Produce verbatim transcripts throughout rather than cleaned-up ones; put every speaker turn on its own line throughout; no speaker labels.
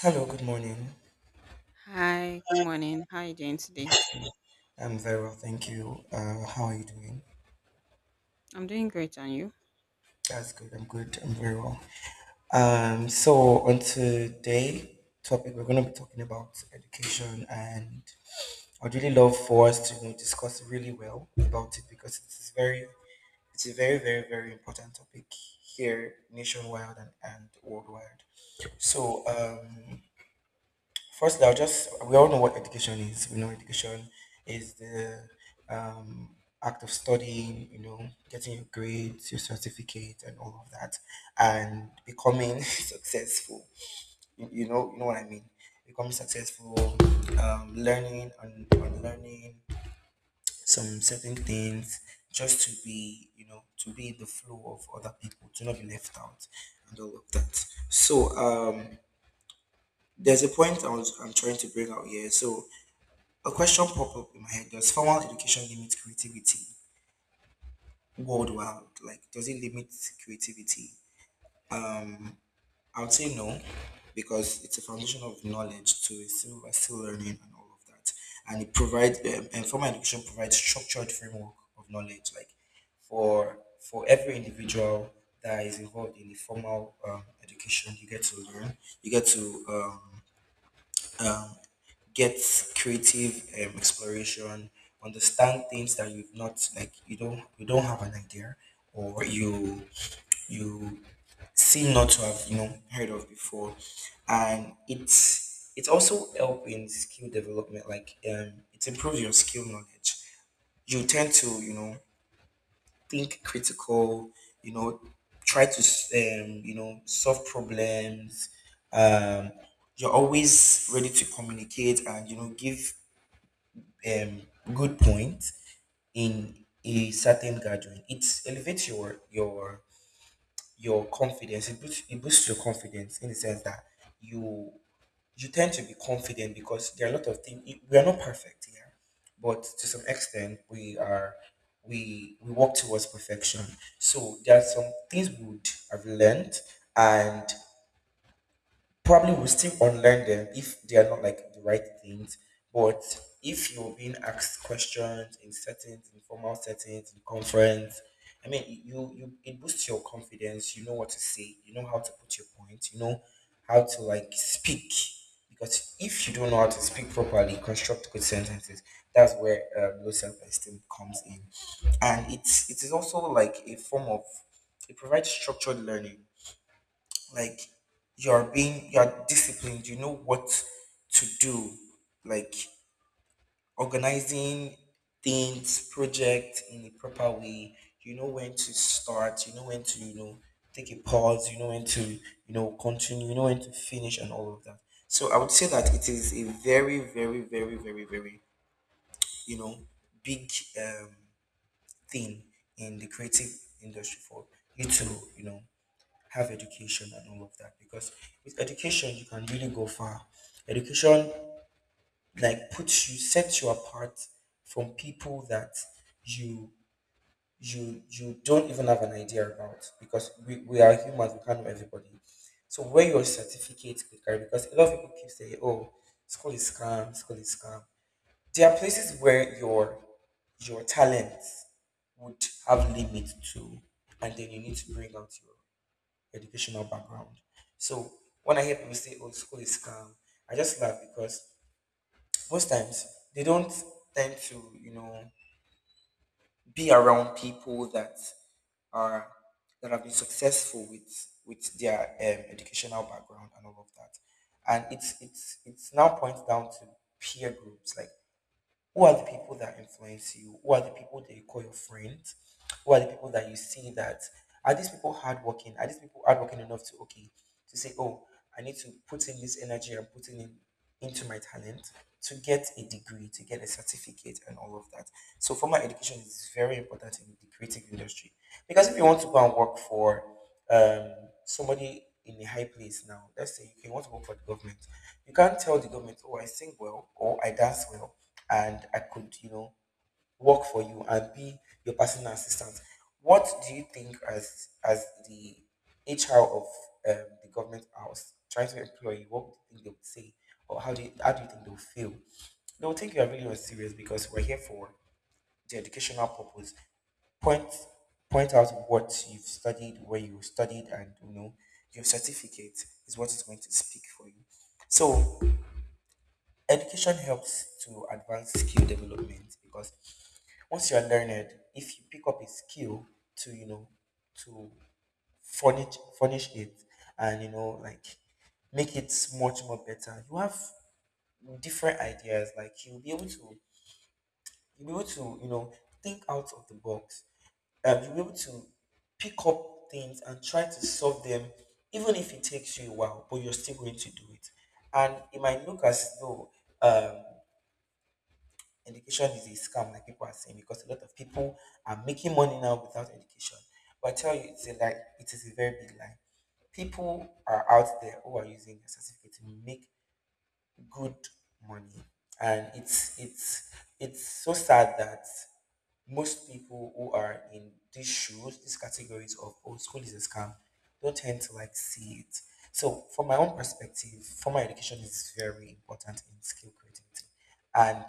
Hello, good morning.
Hi, good morning. How are you doing today?
I'm very well, thank you. Uh, how are you doing?
I'm doing great, and you?
That's good. I'm good. I'm very well. Um, so on today topic, we're going to be talking about education, and I'd really love for us to you know, discuss really well about it because it's very, it's a very, very, very important topic here nationwide and, and worldwide. So um, Firstly, I'll just, we all know what education is. We know education is the um, act of studying, you know, getting your grades, your certificate, and all of that, and becoming successful. You, you know, you know what I mean? Becoming successful, um, learning and unlearning some certain things just to be, you know, to be in the flow of other people, to not be left out, and all of that. So, um, there's a point I was, I'm trying to bring out here. So, a question popped up in my head. Does formal education limit creativity worldwide? Like, does it limit creativity? I would say no, because it's a foundation of knowledge, so it's still, we're still learning and all of that. And it provides, um, and formal education provides structured framework of knowledge, like for for every individual that is involved in the formal um, education, you get to learn, you get to um, um, get creative um, exploration understand things that you've not like you don't you don't have an idea or you you seem not to have you know heard of before and it's it also help in skill development like um it improves your skill knowledge you tend to you know think critical, you know try to um you know solve problems, um you're always ready to communicate and you know give um, good point in a certain gathering. It elevates your your your confidence. It boosts, it boosts your confidence in the sense that you you tend to be confident because there are a lot of things. We are not perfect here, but to some extent we are. We we work towards perfection. So there are some things we would have learned, and probably will still unlearn them if they are not like the right things. But if you're being asked questions in settings, in formal settings, in conference, I mean, you you it boosts your confidence. You know what to say. You know how to put your point. You know how to like speak. Because if you don't know how to speak properly, construct good sentences. That's where um, low self-esteem comes in, and it's it is also like a form of it provides structured learning like you're being you're disciplined, you know what to do, like organizing things project in a proper way, you know when to start, you know when to you know take a pause, you know when to you know continue, you know when to finish and all of that. So I would say that it is a very, very, very, very, very, you know big, um, thing in the creative industry for you to, you know have education and all of that because with education you can really go far. Education like puts you sets you apart from people that you you you don't even have an idea about because we, we are humans, we can't know everybody. So when your certificate quicker because a lot of people keep saying, "Oh, school is scam, school is scam." There are places where your your talent would have limit to, and then you need to bring out your educational background. So when I hear people say, "Oh, school is scam," I just laugh because most times they don't tend to, you know, be around people that are that have been successful with with their um, educational background and all of that. And it's it's it's now points down to peer groups, like who are the people that influence you? Who are the people that you call your friends? Who are the people that you see that are these people hardworking? Are these people hardworking enough to okay to say, oh, I need to put in this energy and putting in into my talent to get a degree, to get a certificate, and all of that. So formal education is very important in the creative industry because if you want to go and work for um somebody in a high place now. Let's say okay, you want to work for the government. You can't tell the government, oh, I sing well or I dance well and I could, you know, work for you and be your personal assistant. What do you think as as the H R of um, the government house trying to employ you? What do you think they would say? Or how do you, how do you think they'll feel? They'll think you are really not serious because we're here for the educational purpose point point out what you've studied, where you studied, and you know your certificate is what is going to speak for you. So education helps to advance skill development because once you are learned, if you pick up a skill to you know to furnish furnish it and you know like make it much more better, you have different ideas. Like you'll be able to you'll be able to you know think out of the box, um, you'll be able to pick up things and try to solve them, even if it takes you a while, but you're still going to do it. And it might look as though um, education is a scam, like people are saying, because a lot of people are making money now without education. But I tell you, it's a lie. It is a very big lie. People are out there who are using their certificate to make good money, and it's it's it's so sad that most people who are in these shoes, these categories of oh school is a scam, don't tend to like see it. So from my own perspective, formal education is very important in skill creativity. And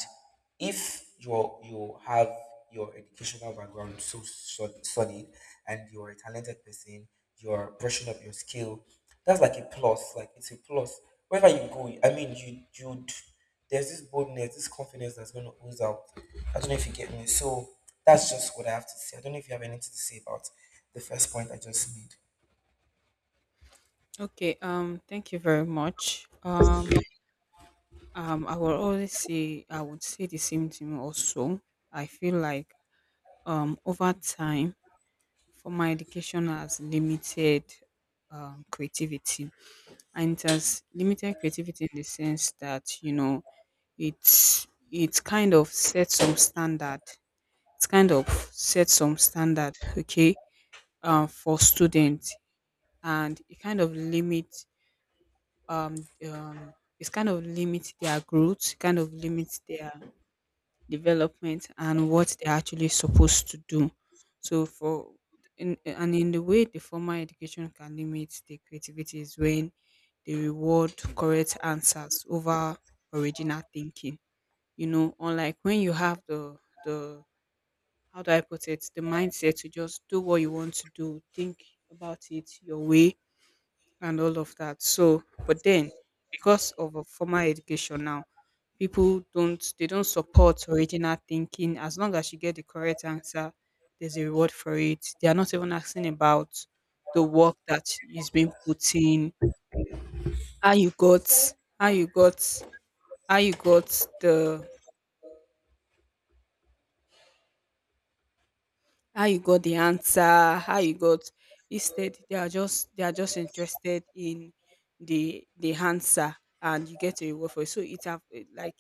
if you you have your educational background so sol- solid and you're a talented person, you're brushing up your skill, that's like a plus. Like it's a plus. Wherever you go, I mean you you'd there's this boldness, this confidence that's going to ooze out. I don't know if you get me. So that's just what I have to say. I don't know if you have anything to say about the first point I just made.
Okay, um, thank you very much. Um, um, I will always say I would say the same thing also. I feel like um over time formal education has limited um creativity, and it has limited creativity in the sense that you know it's it's kind of set some standard. It's kind of set some standard, okay, um for students, and it kind of limits um um it's kind of limits their growth, kind of limits their development and what they're actually supposed to do. So for in, and in the way the formal education can limit the creativity is when they reward correct answers over original thinking. You know, unlike when you have the the how do I put it, the mindset to just do what you want to do, think about it your way, and all of that. So, but then because of a formal education now, people don't they don't support original thinking. As long as you get the correct answer, there's a reward for it. They are not even asking about the work that is being put in, how you got, how you got, how you got the how you got the answer, how you got instead they are just they are just interested in the the answer and you get a reward for it. So it have eh, like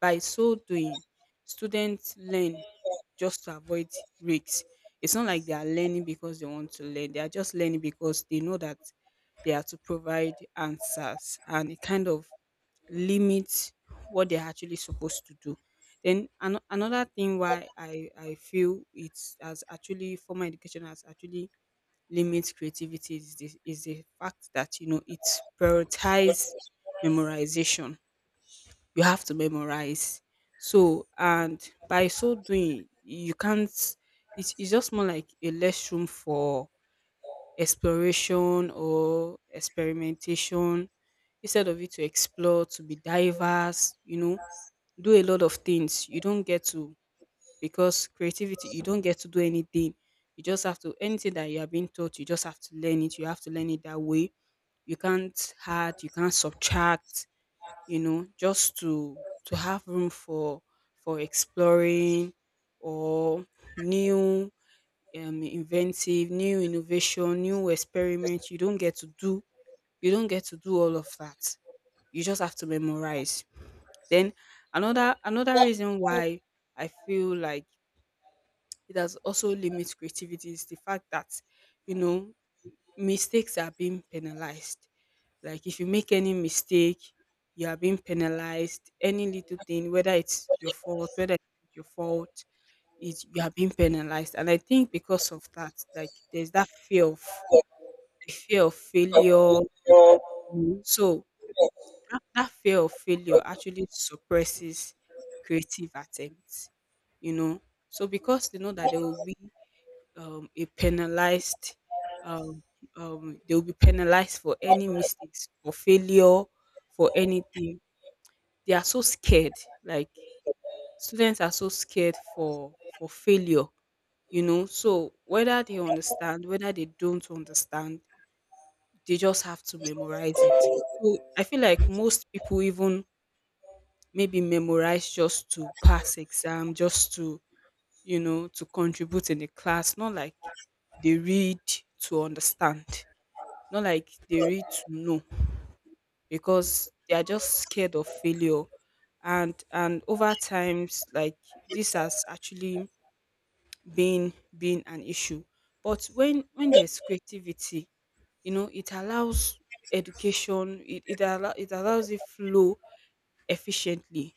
by so doing, students learn just to avoid risks. It's not like they are learning because they want to learn. They are just learning because they know that they are to provide answers, and it kind of limit what they're actually supposed to do. Then an- another thing why I, I feel it's as actually formal education has actually limits creativity is the, is the fact that you know it's prioritize memorization. You have to memorize. So and by so doing, you can't. It's, it's just more like a less room for exploration or experimentation, instead of it to explore to be diverse, you know, do a lot of things. You don't get to, because creativity you don't get to do anything. You just have to, anything that you are being taught you just have to learn it, you have to learn it that way. You can't add, you can't subtract, you know, just to to have room for for exploring or new um, inventive, new innovation, new experiments. You don't get to do, you don't get to do all of that. You just have to memorize. Then another another reason why I feel like it has also limits creativity is the fact that you know mistakes are being penalized. Like if you make any mistake, you are being penalized. Any little thing, whether it's your fault, whether it's not your fault, is you are being penalized. And I think because of that, like there's that fear of the fear of failure, you know. So that that fear of failure actually suppresses creative attempts, you know. So because they know that they will be um, a penalized, um, um, they will be penalized for any mistakes or failure, for anything. They are so scared. Like students are so scared for for failure, you know, so whether they understand, whether they don't understand, they just have to memorize it. So I feel like most people even maybe memorize just to pass exam, just to, you know, to contribute in the class, not like they read to understand, not like they read to know, because they are just scared of failure. And and over times like this has actually been been an issue. But when when there's creativity, you know, it allows education, it, it, allow, it allows it flow efficiently.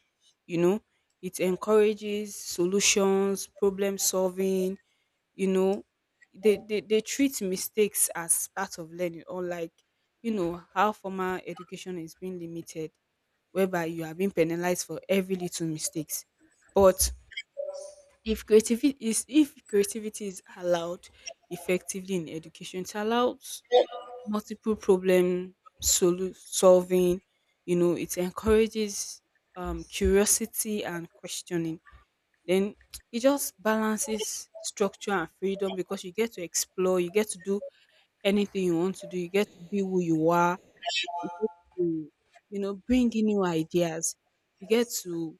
You know, it encourages solutions, problem solving, you know, they, they, they treat mistakes as part of learning. Or like, you know, how formal education is being limited, whereby you are being penalized for every little mistakes. But if creativity is if creativity is allowed effectively in education, it allows multiple problem solu- solving. You know, it encourages um, curiosity and questioning. Then it just balances structure and freedom, because you get to explore, you get to do anything you want to do, you get to be who you are, you get to, you know, bring in new ideas, you get to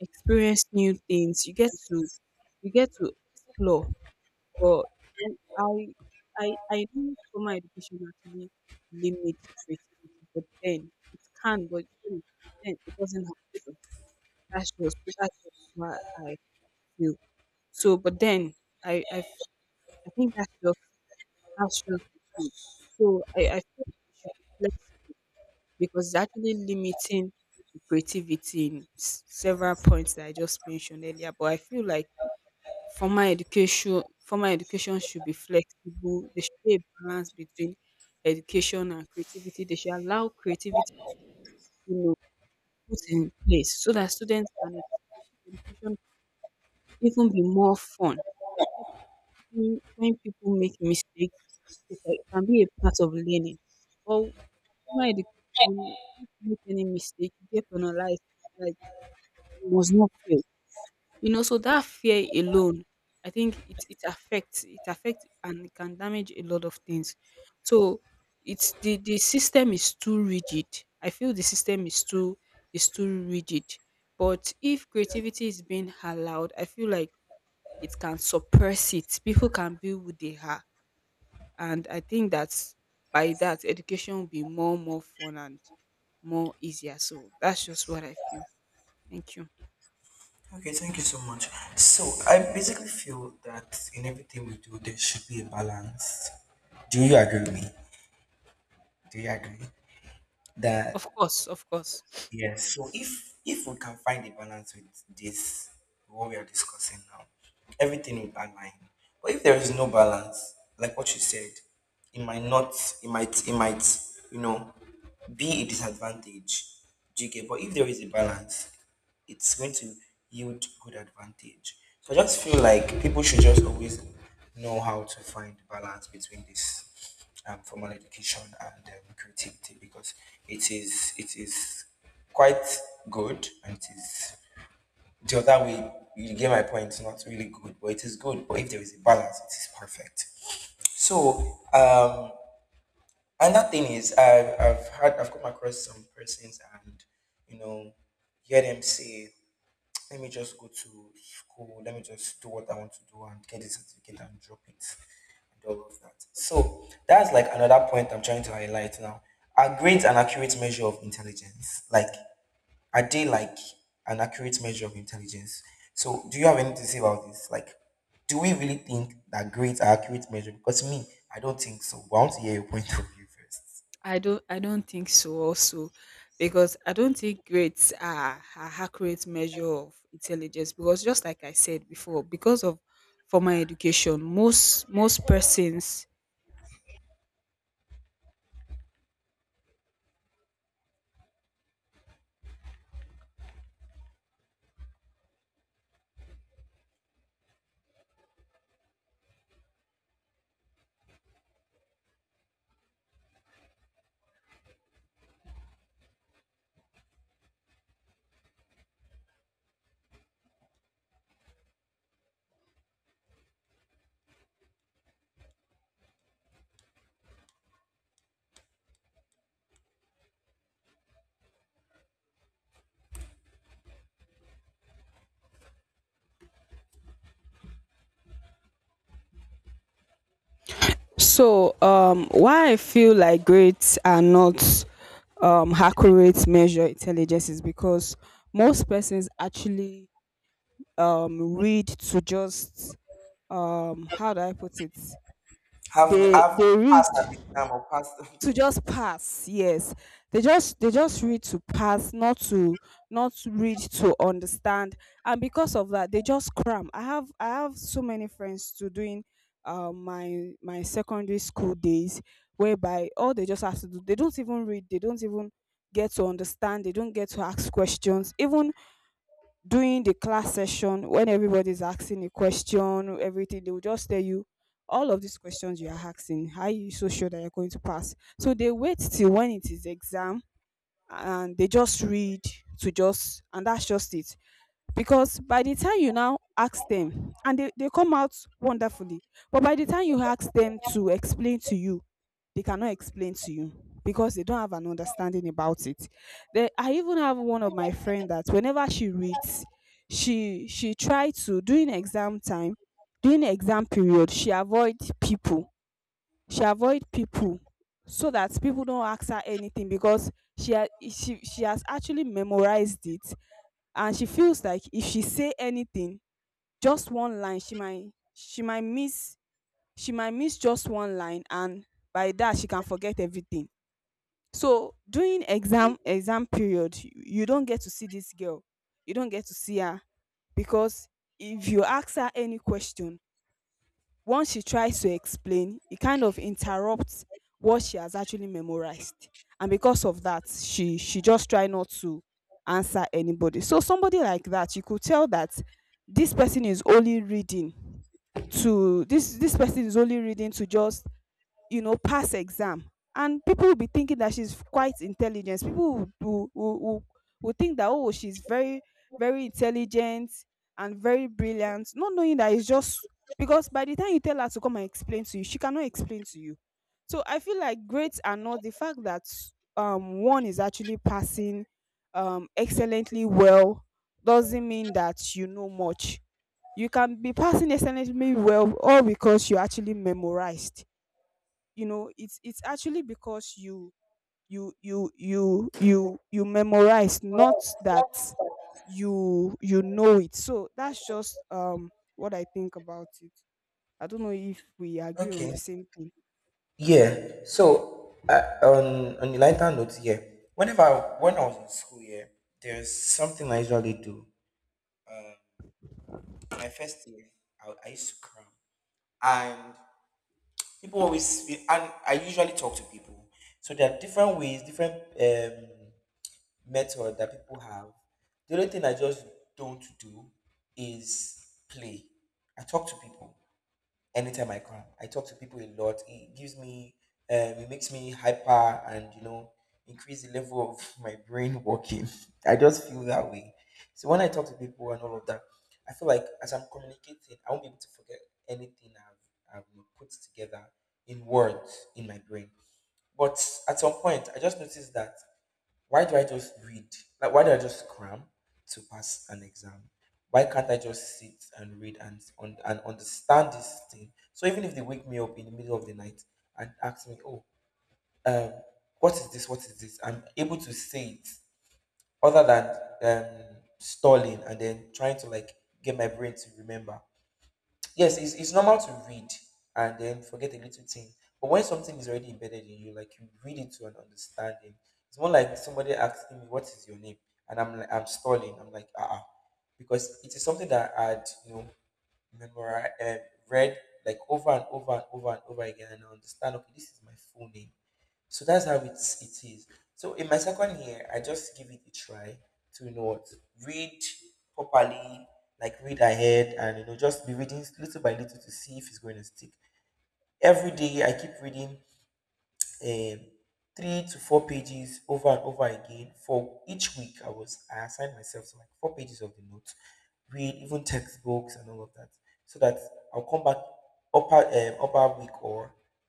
experience new things. You get to you get to explore. But you- I I I know formal education actually limits creativity, but then it can, but then then it doesn't have to. That's just that's just what I feel. So, but then I I f- I think that's just that's just the case. So I I feel it should be flexible, because it's actually limiting the creativity in s- several points that I just mentioned earlier. But I feel like Formal education formal education should be flexible. There should be a balance between education and creativity. They should allow creativity to, you know, put in place so that students can experience education even be more fun. When when people make mistakes, it ca- it can be a part of learning. But formal education, if you make any mistake, you get penalized. Like you must not fail. You know, so that fear alone, I think it it affects, it affects and it can damage a lot of things. So it's the the system is too rigid. I feel the system is too is too rigid. But if creativity is being allowed, I feel like it can suppress it. People can be who they are, and I think that's by that education will be more more fun and more easier. So that's just what I feel. Thank you.
Okay, thank you so much. So I basically feel that in everything we do, there should be a balance. Do you agree with me? Do you agree
Of
that
course, of course.
Yes. So if if we can find a balance with this, what we are discussing now, everything would align. But if there is no balance, like what you said, it might not, it might, it might, you know, be a disadvantage. Do you get? But if there is a balance, it's going to yield good advantage. So I just feel like people should just always know how to find balance between this um, formal education and um, creativity because it is it is quite good and it is the other way. You get my point. It's not really good, but it is good. But if there is a balance, it is perfect. So um, another thing is I've I've had I've come across some persons and you know hear them say let me just go to school, let me just do what I want to do and get the certificate and drop it and all of that. So that's like another point I'm trying to highlight now. Are grades an accurate measure of intelligence? Like, are they like an accurate measure of intelligence? So do you have anything to say about this? Like, do we really think that grades are accurate measure? Because me, I don't think so. But I want to hear your point of view first.
I don't I don't think so also, because I don't think grades are are accurate measure of intelligence, because just like I said before, because of formal education, most most persons. So, um, why I feel like grades are not um, accurate measure intelligence is because most persons actually um, read to just um, how do I put it?
Have
They
have
they read
passed an exam or passed
to
something?
just pass. Yes, they just they just read to pass, not to not read to understand. And because of that they just cram. I have i have so many friends to doing um my my secondary school days, whereby all they just have to do, they don't even read, they don't even get to understand, they don't get to ask questions. Even during the class session, when everybody's asking a question, everything, they will just tell you, all of these questions you are asking, how are you so sure that you're going to pass? So they wait till when it is exam, and they just read to just and that's just it. Because by the time you now ask them and they, they come out wonderfully, but by the time you ask them to explain to you, they cannot explain to you, because they don't have an understanding about it. they, I even have one of my friend that whenever she reads, she she try to during exam time, during exam period, she avoid people, she avoid people so that people don't ask her anything, because she ha- she she has actually memorized it. And she feels like if she say anything, just one line, she might she might miss, she might miss just one line, and by that she can forget everything. So during exam, exam period you you don't get to see this girl, you don't get to see her, because if you ask her any question, once she tries to explain, it kind of interrupts what she has actually memorized. And because of that, she she just try not to answer anybody. So somebody like that, you could tell that this person is only reading to this this person is only reading to just, you know, pass exam. And people will be thinking that she's quite intelligent. People will, will, will, will think that, oh, she's very very intelligent and very brilliant, not knowing that it's just, because by the time you tell her to come and explain to you, she cannot explain to you. So I feel like grades are not, the fact that um one is actually passing um excellently well doesn't mean that you know much. You can be passing excellently well all because you actually memorized. You know, it's it's actually because you you you you you you memorize, not that you you know it. So that's just um what I think about it. I don't know if we agree on
Okay.
the same thing.
Yeah. So uh, on on a lighter note, yeah. Whenever when I was in school, yeah, there's something I usually do. In my first year, I, I used to cram, and people always and I usually talk to people. So there are different ways, different um, method that people have. The only thing I just don't do is play. I talk to people anytime I can. I talk to people a lot. It gives me, um, it makes me hyper and, you know, increase the level of my brain working. I just feel that way. So when I talk to people and all of that, I feel like as I'm communicating, I won't be able to forget anything I've, I've put together in words in my brain. But at some point, I just noticed that why do I just read? Like, why do I just cram to pass an exam? Why can't I just sit and read and on, and understand this thing? So even if they wake me up in the middle of the night and ask me, "Oh, um, what is this? What is this?" I'm able to say it, other than um, stalling and then trying to, like, get my brain to remember. Yes, it's, it's normal to read and then forget a little thing. But when something is already embedded in you, like you read it to an understanding, it's more like somebody asking me, "What is your name?" and I'm like, I'm stalling. I'm like, ah, uh because it is something that I'd you know memorize, uh, read, like, over and over and over and over again, and I understand. Okay, this is my full name. So that's how it's it is. So in my second year, I just give it a try to you know what read properly, like read ahead, and you know just be reading little by little to see if it's going to stick. Every day I keep reading um, three to four pages over and over again for each week. I was I assigned myself to, like, four pages of the notes, read even textbooks and all of that, so that I'll come back upper um, upper week or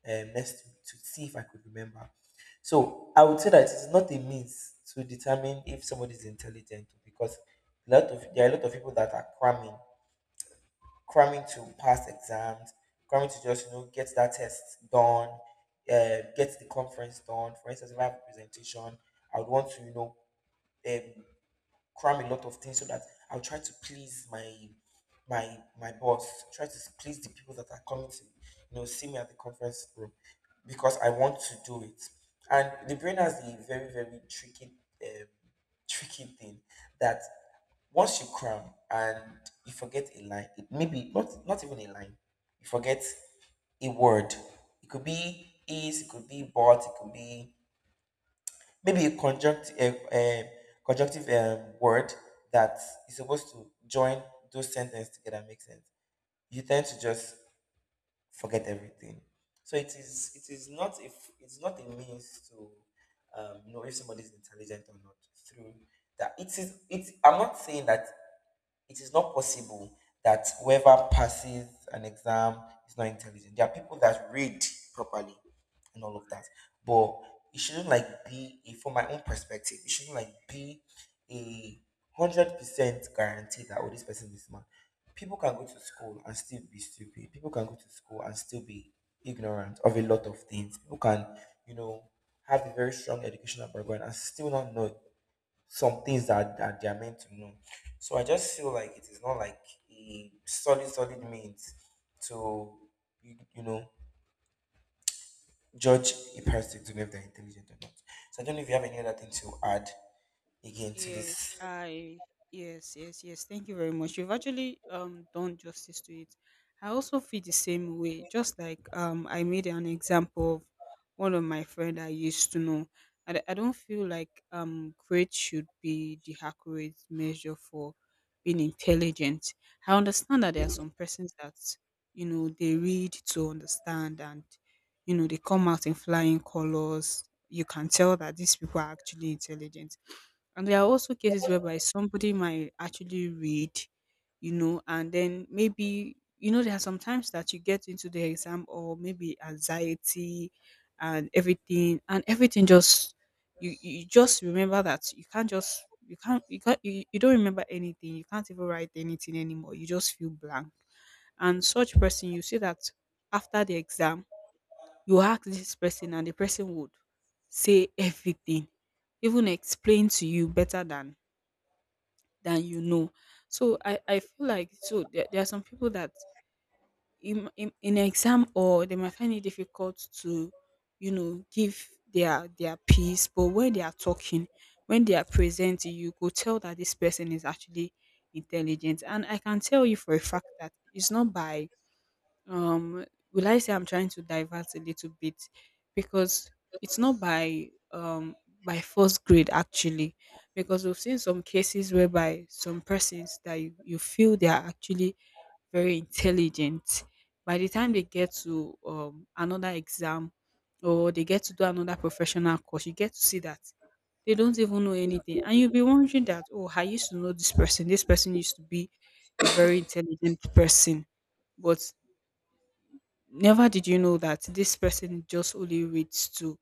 um, next week to see if I could remember. So I would say that it's not a means to determine if somebody is intelligent because a lot of there are a lot of people that are cramming cramming to pass exams, cramming to just you know get that test done, uh, get the conference done. For instance, if I have a presentation, I would want to you know um, cram a lot of things so that I'll try to please my my my boss, try to please the people that are coming to you know see me at the conference room because I want to do it. And the brain has a very, very tricky um, tricky thing that once you cram and you forget a line, it maybe not not even a line, you forget a word. It could be "is", it could be "but", it could be maybe a conjunct a, a conjunctive um, word that is supposed to join those sentences together and make sense. You tend to just forget everything. So it is it is not, if it's not a means to um, know if somebody is intelligent or not through that. It is it. I'm not saying that it is not possible that whoever passes an exam is not intelligent. There are people that read properly and all of that. But it shouldn't like be a, from my own perspective, it shouldn't, like, be a hundred percent guarantee that, oh, this person is smart. People can go to school and still be stupid. People can go to school and still be ignorant of a lot of things. People can, you know, have a very strong educational background and still not know some things that, that they are meant to know. So I just feel like it is not like a solid, solid means to, you, you know, judge a person to know if they're intelligent or not. So I don't know if you have any other thing to add again to
Yes,
this.
I, yes, yes, yes, thank you very much. You've actually um done justice to it. I also feel the same way. Just like um I made an example of one of my friend I used to know. I, d- I don't feel like um grade should be the accurate measure for being intelligent. I understand that there are some persons that you know they read to understand and you know they come out in flying colors. You can tell that these people are actually intelligent, and there are also cases whereby somebody might actually read, you know, and then maybe, you know, there are some times that you get into the exam or maybe anxiety and everything, and everything just, you, you just remember that you can't just, you can't, you can't, you, you don't remember anything. You can't even write anything anymore. You just feel blank. And such person, you see that after the exam, you ask this person and the person would say everything, even explain to you better than than you know. So i i feel like so there, there are some people that in, in in exam, or they might find it difficult to you know give their their piece, but when they are talking, when they are presenting, you could tell that this person is actually intelligent. And I can tell you for a fact that it's not by um will I say I'm trying to divert a little bit? Because it's not by um by first grade actually, because we've seen some cases whereby some persons that you, you feel they are actually very intelligent, by the time they get to um, another exam or they get to do another professional course, you get to see that they don't even know anything. And you'll be wondering that, oh, I used to know this person, this person used to be a very intelligent person, but never did you know that this person just only reads to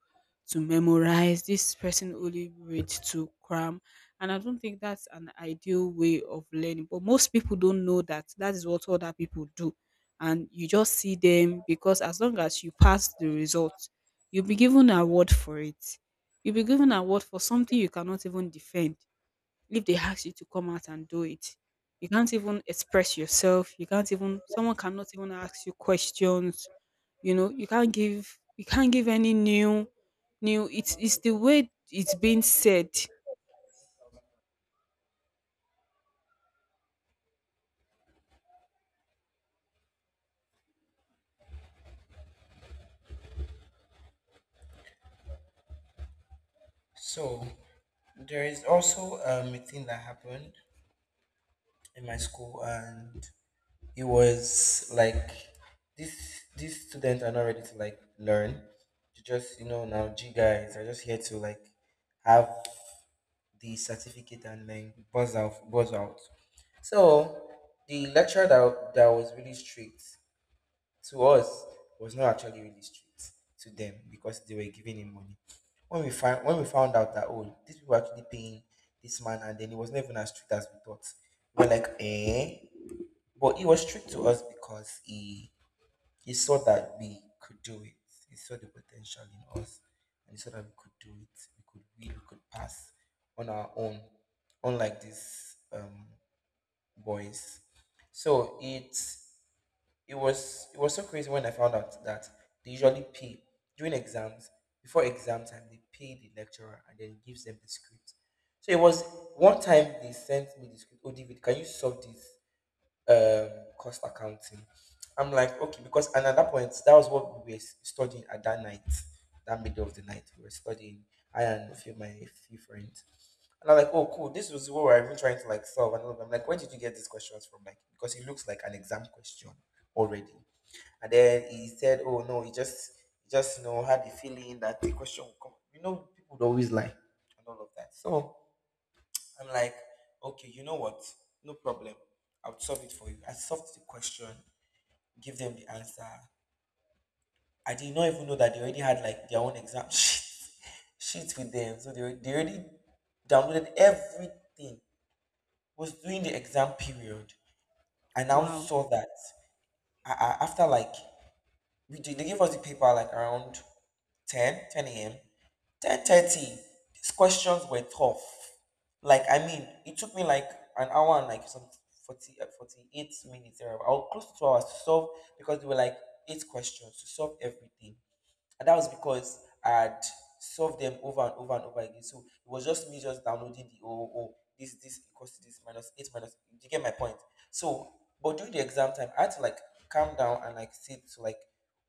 to memorize, this person only reads to cram. And I don't think that's an ideal way of learning, but most people don't know that that is what other people do. And you just see them, because as long as you pass the results, you'll be given an award for it. You'll be given an award for something you cannot even defend if they ask you to come out and do it. You can't even express yourself. You can't even— someone cannot even ask you questions. You know, you can't give you can't give any new new— it's it's the way it's being said.
So there is also um, a thing that happened in my school, and it was like this: these students are not ready to, like, learn. They just you know now, G guys are just here to, like, have the certificate and then buzz out, buzz out. So the lecturer that, that was really strict to us was not actually really strict to them because they were giving him money. When we find when we found out that, oh, these people were actually paying this man and then it was not even as strict as we thought. We were like, eh? But it was strict to us because he he saw that we could do it. He saw the potential in us and he saw that we could do it. We could we, we could pass on our own, unlike these um boys. So it's it was it was so crazy when I found out that they usually pay during exams, before exam time, they pay the lecturer and then gives them the script. So it was one time they sent me the script. Oh, David, can you solve this um cost accounting? I'm like, okay, because and at that point, that was what we were studying at that night, that middle of the night. We were studying. I and a few my few friends. And I'm like, oh, cool, this was what we're even trying to, like, solve. And all of them. I'm like, where did you get these questions from? Like, because it looks like an exam question already. And then he said, "Oh, no, he just he just you know had the feeling that the question will come." You know, people would always lie and all of that. So I'm like, okay, you know what? No problem. I'll solve it for you. I solved the question, give them the answer. I did not even know that they already had, like, their own exam sheets sheets with them. So they, al- they already downloaded everything. Was doing the exam period. I now
Wow.
saw that I, I, after, like, we did, they gave us the paper, like, around ten, ten a.m., ten thirty. These questions were tough. Like, I mean, it took me, like, an hour and, like, some forty, uh, forty-eight minutes, or close to two hours to solve because they were, like, eight questions to solve everything. And that was because I had solved them over and over and over again. So it was just me just downloading the oh, oh, this this equals to this minus eight minus. You get my point. So, but during the exam time, I had to, like, calm down and, like, sit to, like,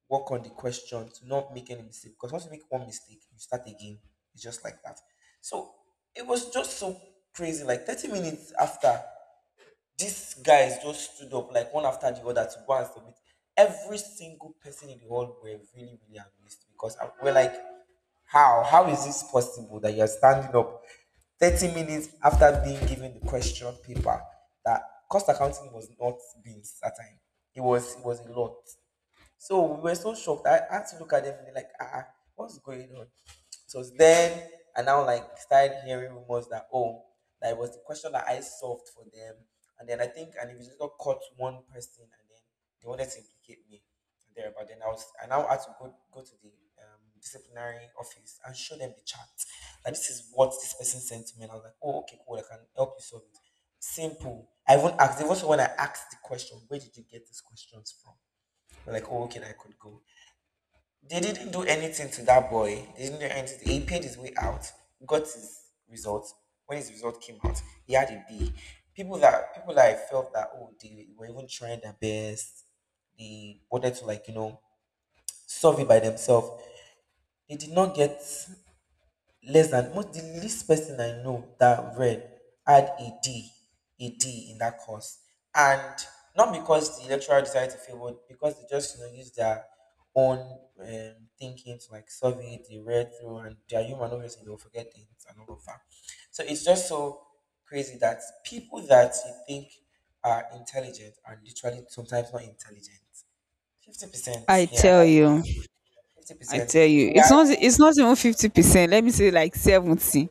work on the question to not make any mistake. Because once you make one mistake, you start again. It's just like that. So it was just so crazy. Like, thirty minutes after, these guys just stood up, like, one after the other, to go and submit. Every single person in the hall were really, really amazed because I- we're like, how? How is this possible that you're standing up thirty minutes after being given the question paper, that cost accounting was not beans at that time? It was it was a lot. So we were so shocked. I had to look at them and be like, ah, ah, what's going on? So it's then I now, like, started hearing rumors that, oh, that it was the question that I solved for them, and then I think an investigator caught one person, and then they wanted to implicate me there. But then I was I now had to go go to the um, disciplinary office and show them the chat. Like, this is what this person sent to me, and I was like, oh, okay, cool, I can help you solve it. Simple. I even asked. It was when I asked the question, where did you get these questions from? I'm like, oh, okay, I could go. They didn't do anything to that boy. They didn't do anything. He paid his way out, got his result. When his result came out, he had a B. People that people that I felt that, oh, they were even trying their best, they wanted to, like, you know solve it by themselves. They did not get less than most. The least person I know that read had a D, a D in that course, and not because the lecturer decided to fail, but because they just you know use their own um, thinking to, like, solve it. They read through, and they're human, obviously they'll forget things and all of that. So it's just so crazy that people that you think are intelligent are literally sometimes not intelligent. Fifty percent,
I
yeah,
tell you,
fifty
I
percent.
tell you,
Yeah,
it's not it's not even fifty percent. Let me say like seventy,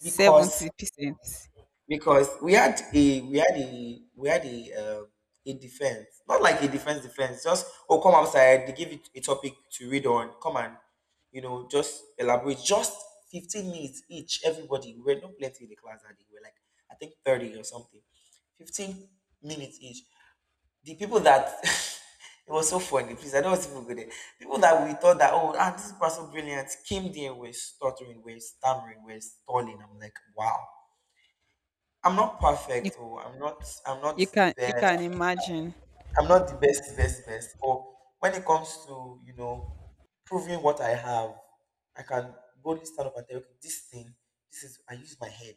because
percent.
because we had a we had a we had a uh, a defense, not like a defense defense, just, oh, come outside, they give you a topic to read on, come and you know just elaborate, just fifteen minutes each. Everybody, we were not plenty in the class that day, we were like, I think thirty or something. fifteen minutes each. The people that it was so funny. Please, I don't want people to go there. People that we thought that, oh, ah, this person brilliant, came there, we're stuttering, we're stammering, we're stalling. I'm like, wow. I'm not
You
perfect. Oh, I'm not I'm not
you
the
can you
best.
can imagine.
I'm not the best, best, best. But when it comes to, you know, proving what I have, I can boldly stand up and tell you, okay, this thing, this is I used my head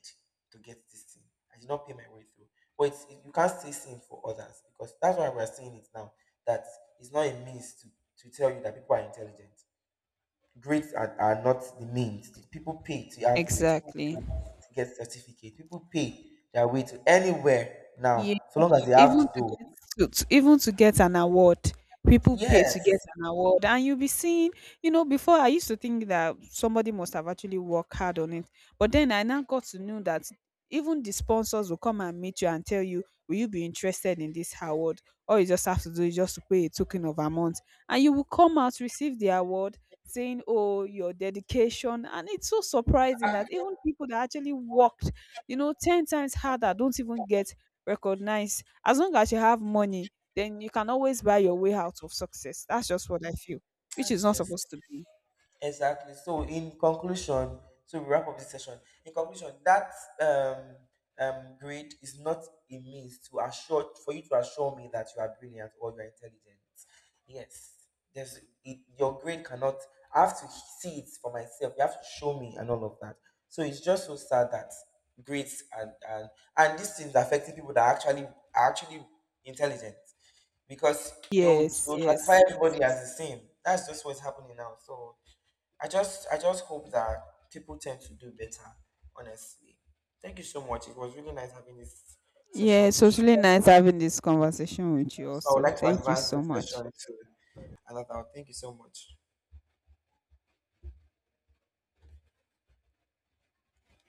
to get this thing. I did not pay my way through. But it's, it, you can't say same for others because that's why we're saying it now. That it's not a means to, to, tell you that people are intelligent. Grades are, are not the means. People pay to have grades. People pay
Exactly.
to get certificate. People pay their way to anywhere now,
Yeah.
so long as they have
Even
the
to
dough.
get to, to— even to get an award, people pay
Yes,
to get an award, and you'll be seeing. You know, before I used to think that somebody must have actually worked hard on it, but then I now got to know that even the sponsors will come and meet you and tell you, "Will you be interested in this award?" All you just have to do is just to pay a token of amount, and you will come out receive the award. Saying, "Oh, your dedication," and it's so surprising that even people that actually worked you know, ten times harder don't even get recognize. As long as you have money, then you can always buy your way out of success. That's just what I feel, which is
that's
not
just.
supposed to be.
Exactly. So in conclusion, so we wrap up this session. In conclusion, that um, um, grade is not a means to assure for you to assure me that you are brilliant or you are intelligent. Yes, there's it, your grade cannot. I have to see it for myself. You have to show me and all of that. So it's just so sad that grades and and and these things are affecting people that are actually are actually intelligent because they would, they
Yes,
would classify
yes.
everybody as the same. That's just what's happening now. So I just I just hope that people tend to do better, honestly. Thank you so much. It was really nice having this session
Yeah, it's
with
really
you.
nice having this conversation with you
So I would
also.
like to
Thank you
advance
so
this session
much.
to another. Thank you so much.